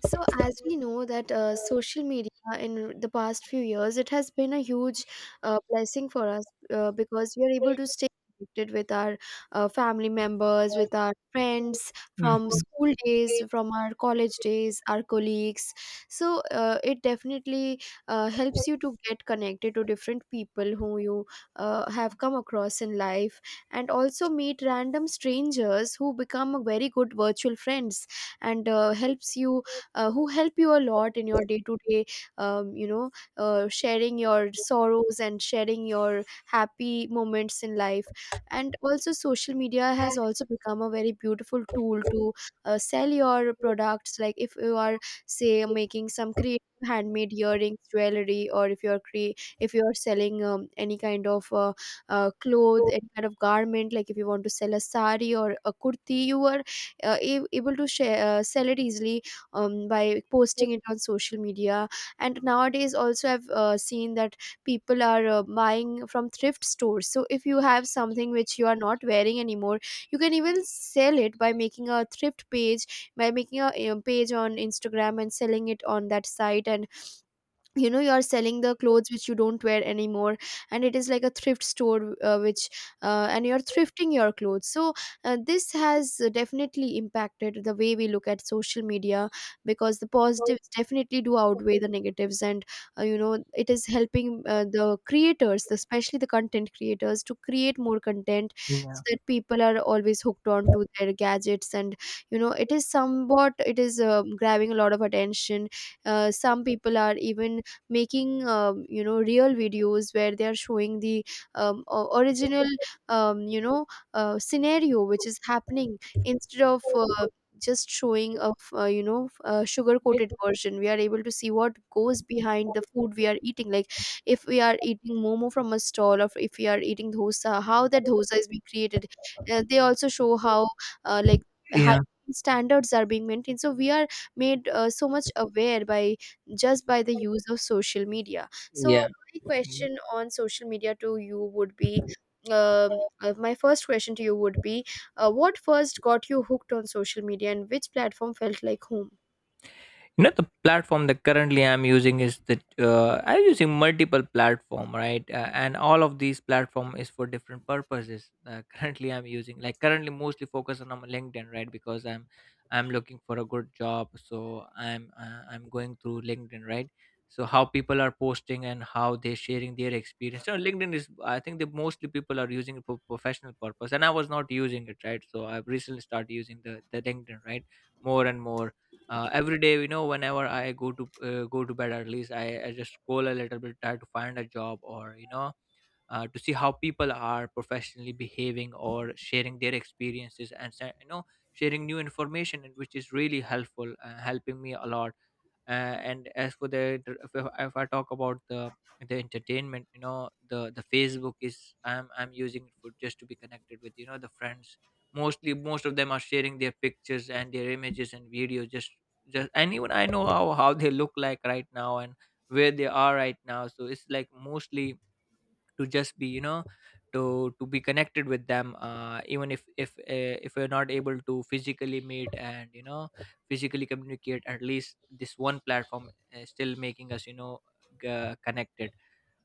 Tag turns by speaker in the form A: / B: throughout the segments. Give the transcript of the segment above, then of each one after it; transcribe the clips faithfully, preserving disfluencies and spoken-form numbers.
A: So as we know that uh, social media in the past few years, it has been a huge uh, blessing for us uh, because we are able to stay connected with our uh, family members, with our friends
B: Mm,
A: from school days, from our college days, our colleagues. So uh, it definitely uh, helps you to get connected to different people who you uh, have come across in life, and also meet random strangers who become a very good virtual friends and uh, helps you uh, who help you a lot in your day to day um, you know uh, sharing your sorrows and sharing your happy moments in life. And also, social media has also become a very beautiful tool to uh, sell your products, like if you are say making some creative handmade earrings jewelry, or if you're cre- if you're selling um, any kind of uh, uh, cloth, any kind of garment, like if you want to sell a sari or a kurti, you are uh, a- able to share, uh, sell it easily um, by posting it on social media. And nowadays, also, I've uh, seen that people are uh, buying from thrift stores. So if you have something which you are not wearing anymore, you can even sell it by making a thrift page, by making a uh, page on Instagram and selling it on that site. And you know, you are selling the clothes which you don't wear anymore, and it is like a thrift store, uh, which uh, and you're thrifting your clothes. So uh, this has definitely impacted the way we look at social media, because the positives definitely do outweigh the negatives. And uh, you know, it is helping uh, the creators, especially the content creators, to create more content, so
B: yeah,
A: that people are always hooked on to their gadgets. And you know, it is somewhat, it is um grabbing a lot of attention. Uh, some people are even making um, you know, real videos where they are showing the um, o- original um, you know uh, scenario which is happening, instead of uh, just showing a f- uh, you know, f- uh, sugar coated version. We are able to see what goes behind the food we are eating, like if we are eating momo from a stall, or if we are eating dosa, how that dosa is being created. Uh, they also show how, uh, like high
B: yeah,
A: standards are being maintained. So we are made uh, so much aware by, just by the use of social media. So
B: yeah.
A: my question on social media to you would be, um, uh, my first question to you would be, uh, what first got you hooked on social media, and which platform felt like home?
B: You know, the platform that currently I'm using is that uh, I'm using multiple platform, right? Uh, and all of these platform is for different purposes. Uh, currently I'm using, like, currently mostly focus on my LinkedIn, right? Because i'm i'm looking for a good job, so i'm uh, i'm going through LinkedIn, right? So how people are posting and how they're sharing their experience. So LinkedIn is, I think, the mostly people are using it for professional purpose, and I was not using it, right? So I've recently started using the the LinkedIn, right? More and more. Uh, every day, you know, whenever I go to uh, go to bed, at least I, I just scroll a little bit, try to find a job, or you know uh, to see how people are professionally behaving or sharing their experiences and sa- you know, sharing new information, and which is really helpful, uh, helping me a lot. Uh, and as for the the- if, I- if I talk about the the entertainment, you know, the the Facebook is, i'm i'm using it for just to be connected with, you know, the friends. Mostly most of them are sharing their pictures and their images and videos. Just just and even I know how how they look like right now, and where they are right now. So it's like mostly to just be, you know, to to be connected with them, uh, even if if uh, if we're not able to physically meet, and, you know, physically communicate, at least this one platform is still making us, you know, g- connected.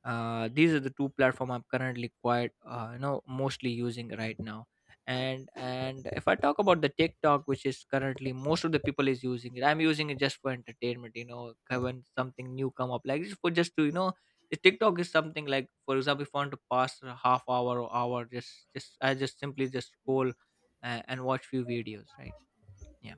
B: uh, These are the two platform I'm currently quite, uh, you know, mostly using right now. And and if I talk about the TikTok, which is currently most of the people is using it, I'm using it just for entertainment, you know, when something new come up, like just for just to, you know, the TikTok is something like, for example, if I want to pass a half hour or hour, just just I just simply just scroll uh, and watch few videos, right? yeah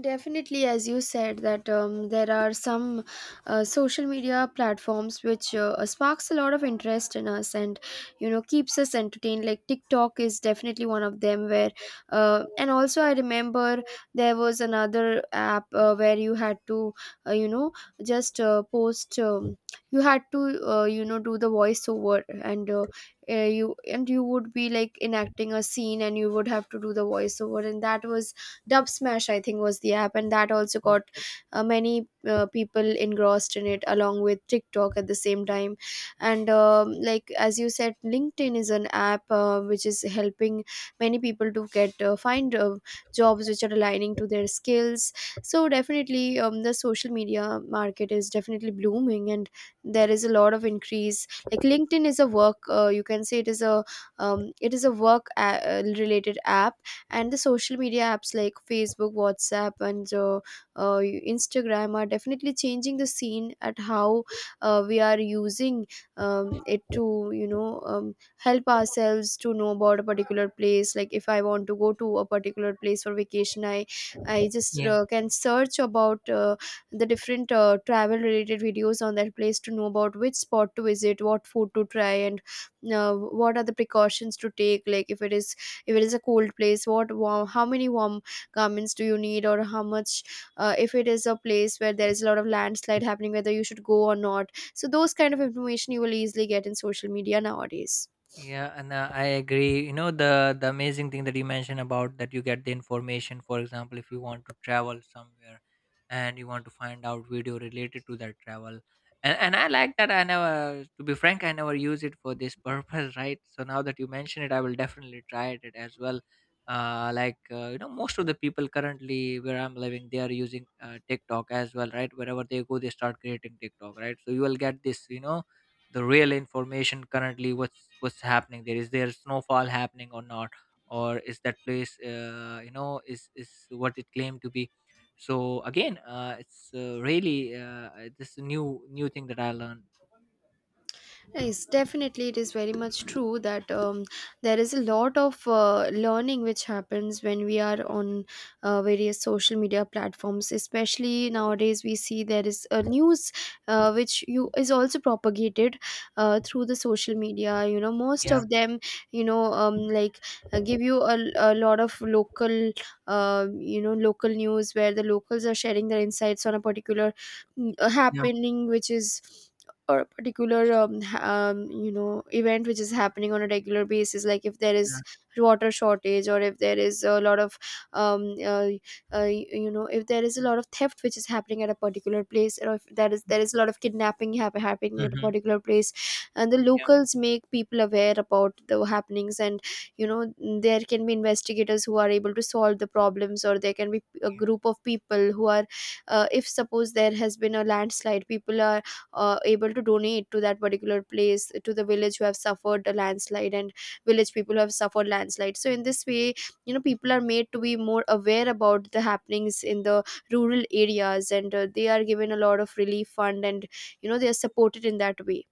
A: Definitely, as you said, that um, there are some uh, social media platforms which uh, uh, sparks a lot of interest in us and you know, keeps us entertained. Like TikTok is definitely one of them. Where uh, and also, I remember there was another app uh, where you had to uh, you know just uh, post. Um, you had to uh, you know, do the voiceover, and. Uh, uh, you, and you would be like enacting a scene, and you would have to do the voiceover, and that was Dub Smash, I think, was the app, and that also got
B: Okay.
A: uh, many uh, people engrossed in it, along with TikTok at the same time. And um, like as you said, LinkedIn is an app uh, which is helping many people to get uh, find uh, jobs which are aligning to their skills. So definitely, um, the social media market is definitely blooming, and there is a lot of increase. Like LinkedIn is a work, uh, you can say it is a um, it is a work a- uh, related app, and the social media apps like facebook, whatsapp, and uh, uh, instagram are definitely changing the scene at how uh, we are using um, it to, you know, um, help ourselves to know about a particular place. Like if I want to go to a particular place for vacation, i i just
B: yeah
A: uh, can search about uh, the different uh, travel related videos on that place to know about which spot to visit, what food to try, and uh, what are the precautions to take. Like if it is, if it is a cold place, what warm, how many warm garments do you need, or how much, uh, if it is a place where there is a lot of landslide happening, whether you should go or not. So those kind of information you will easily get in social media nowadays.
B: yeah And uh, I agree. You know, the the amazing thing that you mentioned about that you get the information. For example, if you want to travel somewhere and you want to find out video related to that travel, and and I like that. I never, to be frank, I never use it for this purpose, right? So now that you mention it, I will definitely try it as well. Uh, like, uh, you know, most of the people currently where I'm living, they are using uh, TikTok as well, right? Wherever they go, they start creating TikTok, right? So you will get this, you know, the real information currently. What's what's happening there? Is there snowfall happening or not, or is that place, uh, you know, is is what it claimed to be? So again, uh, it's uh, really, uh, this new new thing that I learned. um,
A: Yes, definitely, it is very much true that um, there is a lot of uh, learning which happens when we are on uh, various social media platforms. Especially nowadays, we see there is a news uh, which you, is also propagated uh, through the social media. You know, most
B: yeah
A: of them, you know, um, like uh, give you a, a lot of local, uh, you know, local news where the locals are sharing their insights on a particular mm,
B: yeah
A: happening which is, or a particular um, ha- um, you know, event which is happening on a regular basis. Like if there is
B: yeah,
A: water shortage, or if there is a lot of um, uh, uh, you know, if there is a lot of theft which is happening at a particular place, or if there is there is a lot of kidnapping hap- happening at a
B: hmm
A: particular place, and the locals make people aware about the happenings. And you know, there can be investigators who are able to solve the problems, or there can be a group of people who are, uh, if suppose there has been a landslide, people are uh, able to donate to that particular place, to the village who have suffered a landslide, and village people who have suffered landslide. So in this way, you know, people are made to be more aware about the happenings in the rural areas, and uh, they are given a lot of relief fund, and you know, they are supported in that way.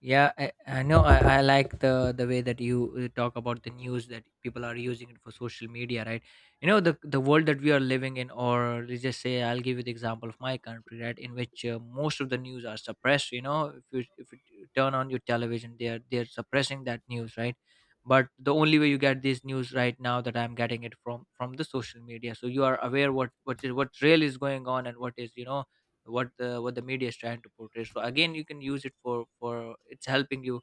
B: Yeah, I, I know. I, I like the the way that you uh, talk about the news that people are using it for social media, right? You know, the the world that we are living in, or let's just say, I'll give you the example of my country, right? In which uh, most of the news are suppressed. You know, if you if you turn on your television, they're they're suppressing that news, right? But the only way you get this news right now, that I'm getting it from from the social media, so you are aware what what is what really is going on, and what is, you know, what the what the media is trying to portray. So again, you can use it for for it's helping you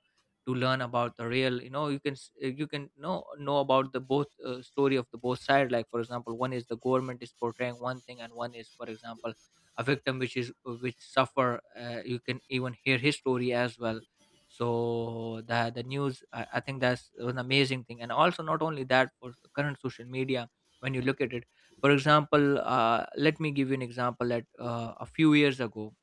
B: to learn about the real, you know, you can s- uh, you can know know about the both uh, story of the both side. Like, for example, one is the government is portraying one thing, and one is, for example, a victim which is eh, which suffer, uh, you can even hear his story as well. So the the news, I, I think that's an amazing thing. And also not only that, for current social media, when you look at it, for example, uh, let me give you an example that uh, a few years ago.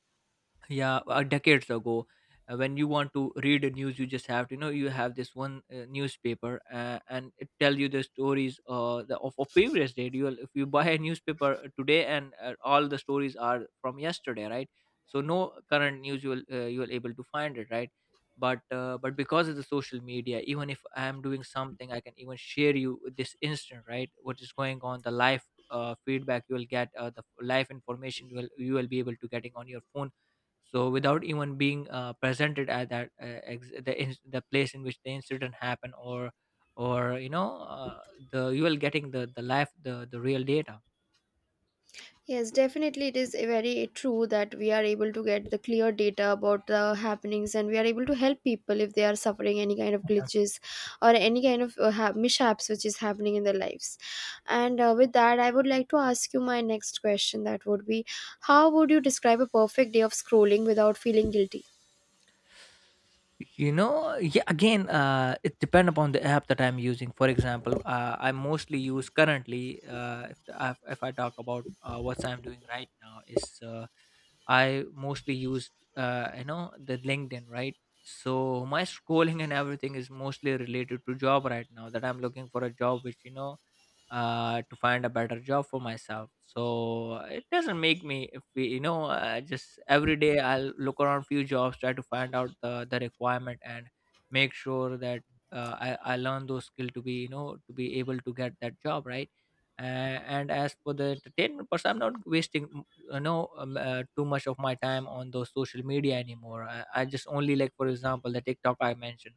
B: yeah uh, Decades ago, uh, when you want to read the news, you just have to, you know, you have this one uh, newspaper, uh, and it tell you the stories, uh, the, of, of previous day. You will, if you buy a newspaper uh, today, and uh, all the stories are from yesterday, right? So no current news you will uh, you will able to find it, right? But uh, but because of the social media, even if I am doing something, I can even share you this instant, right? What is going on, the live uh, feedback you will get, uh, the live information you will you will be able to getting on your phone. So without even being uh, presented at that uh, ex- the in- the place in which the incident happened, or or you know, uh, the you will getting the the life the the real data.
A: Yes, definitely, it is very true that we are able to get the clear data about the happenings, and we are able to help people if they are suffering any kind of glitches or any kind of uh, ha- mishaps which is happening in their lives. And uh, with that, I would like to ask you my next question. That would be, how would you describe a perfect day of scrolling without feeling guilty?
B: You know, yeah, again, uh, it depend upon the app that I'm using. For example, uh, I mostly use currently, uh, if, I- if I talk about uh, what I'm doing right now is, uh, I mostly use, uh, you know, the LinkedIn, right? So my scrolling and everything is mostly related to job right now, that I'm looking for a job, which, you know, uh, to find a better job for myself. So it doesn't make me. If we, you know, uh, just every day I'll look around few jobs, try to find out the the requirement, and make sure that uh, I I learn those skill to be, you know, to be able to get that job, right. Uh, and as for the entertainment person, I'm not wasting, mm, you know um, uh, too much of my time on those social media anymore. I, I just only, like, for example, the TikTok I mentioned,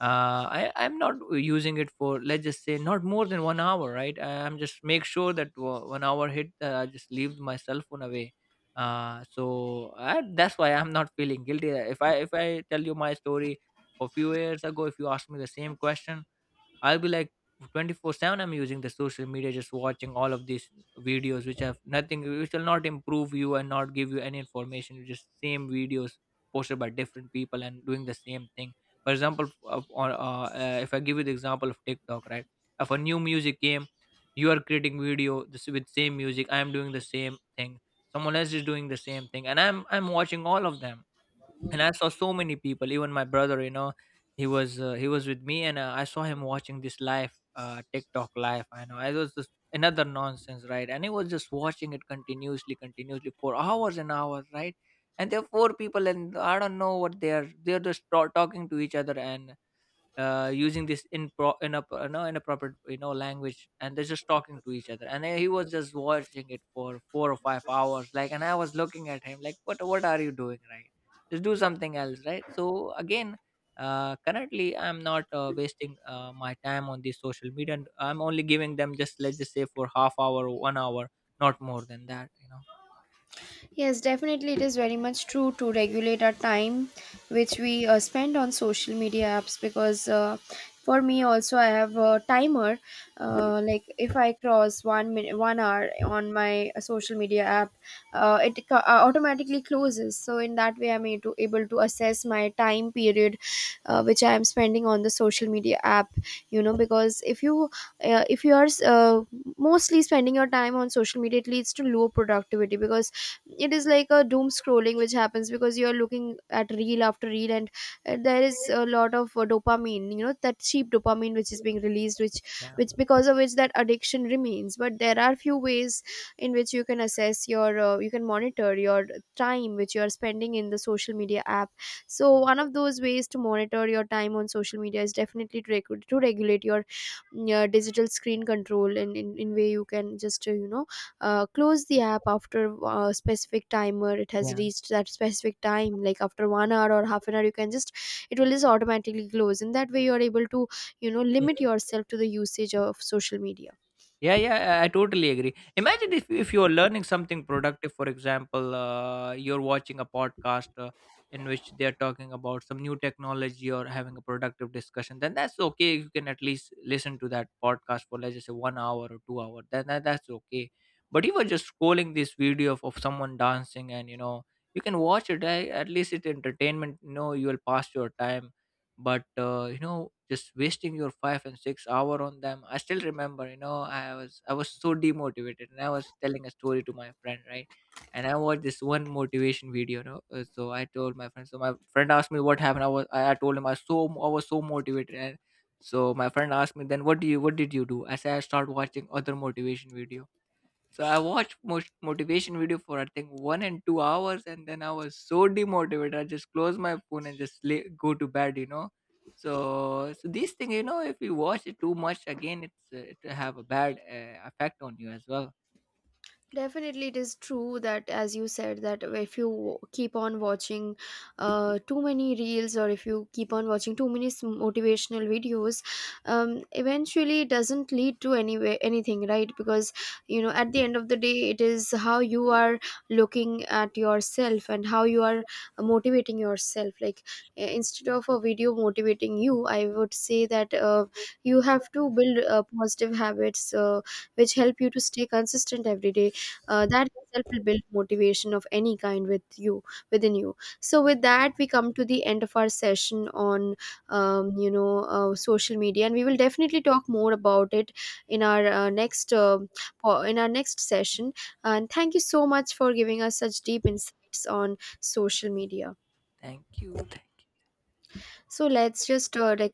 B: uh, I, I'm not using it for, let's just say, not more than one hour, right? I- I'm just make sure that wa- one hour hit, uh, I just leave my cell phone away. Uh, so I, that's why I'm not feeling guilty. If I if I tell you my story for few years ago, if you ask me the same question, I'll be like twenty-four seven I'm using the social media, just watching all of these videos which have nothing, which will not improve you and not give you any information. It's just same videos posted by different people and doing the same thing. For example, of- on uh, uh, if I give you the example of TikTok, right? If a new music came, you are creating video this with same music. I am doing the same thing, someone else is doing the same thing, and I'm I'm watching all of them. And I saw so many people, even my brother, you know, he was uh, he was with me, and uh, I saw him watching this live uh TikTok live. I know it was just another nonsense, right? And he was just watching it continuously continuously for hours and hours, right? And there are four people, and I don't know what they are. They're just ta- talking to each other, and uh, using this in pro in a pro- you know, inappropriate, you know, language, and they're just talking to each other, and he was just watching it for four or five hours, like, and I was looking at him like, what what are you doing, right? Just do something else, right? So again, uh, currently I'm not uh, wasting uh, my time on these social media, and I'm only giving them just, let's just say, for half hour one hour, not more than that, you know.
A: Yes, definitely, it is very much true to regulate our time which we uh, spend on social media apps, because uh, for me also, I have a timer. Uh, like if I cross one minute, one hour on my uh, social media app, uh, it co- uh, automatically closes. So in that way, I'm able to, able to assess my time period, uh, which I am spending on the social media app. You know, because if you uh, if you are uh, mostly spending your time on social media, it leads to low productivity, because it is like a doom scrolling which happens, because you are looking at reel after reel, and uh, there is a lot of uh, dopamine, you know, that cheap dopamine which is being released, which
B: yeah
A: which because of which that addiction remains. But there are few ways in which you can assess your, uh, you can monitor your time which you are spending in the social media app. So
B: Mm.
A: one of those ways to monitor your time on social media is definitely to, reg- to regulate your mm, uh, digital screen control. And in, in way, you can just uh, you know uh, close the app after a specific timer, it has
B: yeah
A: reached that specific time. Like after one hour or half an hour, you can just, it will just automatically close, and that way you are able to, you know, limit yourself to the usage of social media.
B: Yeah, yeah, I I totally agree. Imagine if if you are learning something productive. For example, uh, you're watching a podcast uh, in which they're talking about some new technology or having a productive discussion. Then that's okay. You can at least listen to that podcast for, let's just say, one hour or two hour. Then that, that's okay. But you were just scrolling this video of, of someone dancing, and, you know, you can watch it. eh, At least it's entertainment. You know, you will pass your time. But uh, you know, just wasting your five and six hour on them. I still remember, you know, i was I was so demotivated, and I was telling a story to my friend, right? And I watched this one motivation video, you know. Uh, so I told my friend, so my friend asked me what happened. i was i I told him. I So I was so motivated. And so my friend asked me, then what do you, what did you do? I said I started watching other motivation video. So I watched most motivation video for, I think, one and two hours, and then I was so demotivated. I just closed my phone and just lay, go to bed, you know. So, so these thing, you know, if you watch it too much, again, it's uh, it have a bad uh, effect on you as well.
A: Definitely, it is true that, as you said, that if you w- keep on watching uh, too many reels, or if you keep on watching too many s- motivational videos, um, eventually it doesn't lead to anywhere anything, right? Because you know, at the end of the day, it is how you are looking at yourself and how you are motivating yourself. Like uh, instead of a video motivating you, I would say that uh, you have to build uh, positive habits uh, which help you to stay consistent every day. Uh, that itself will build motivation of any kind with you, within you. So with that, we come to the end of our session on um, you know uh, social media, and we will definitely talk more about it in our uh, next uh, po- in our next session. And thank you so much for giving us such deep insights on social media.
B: Thank you. Thank you.
A: So let's just uh, like,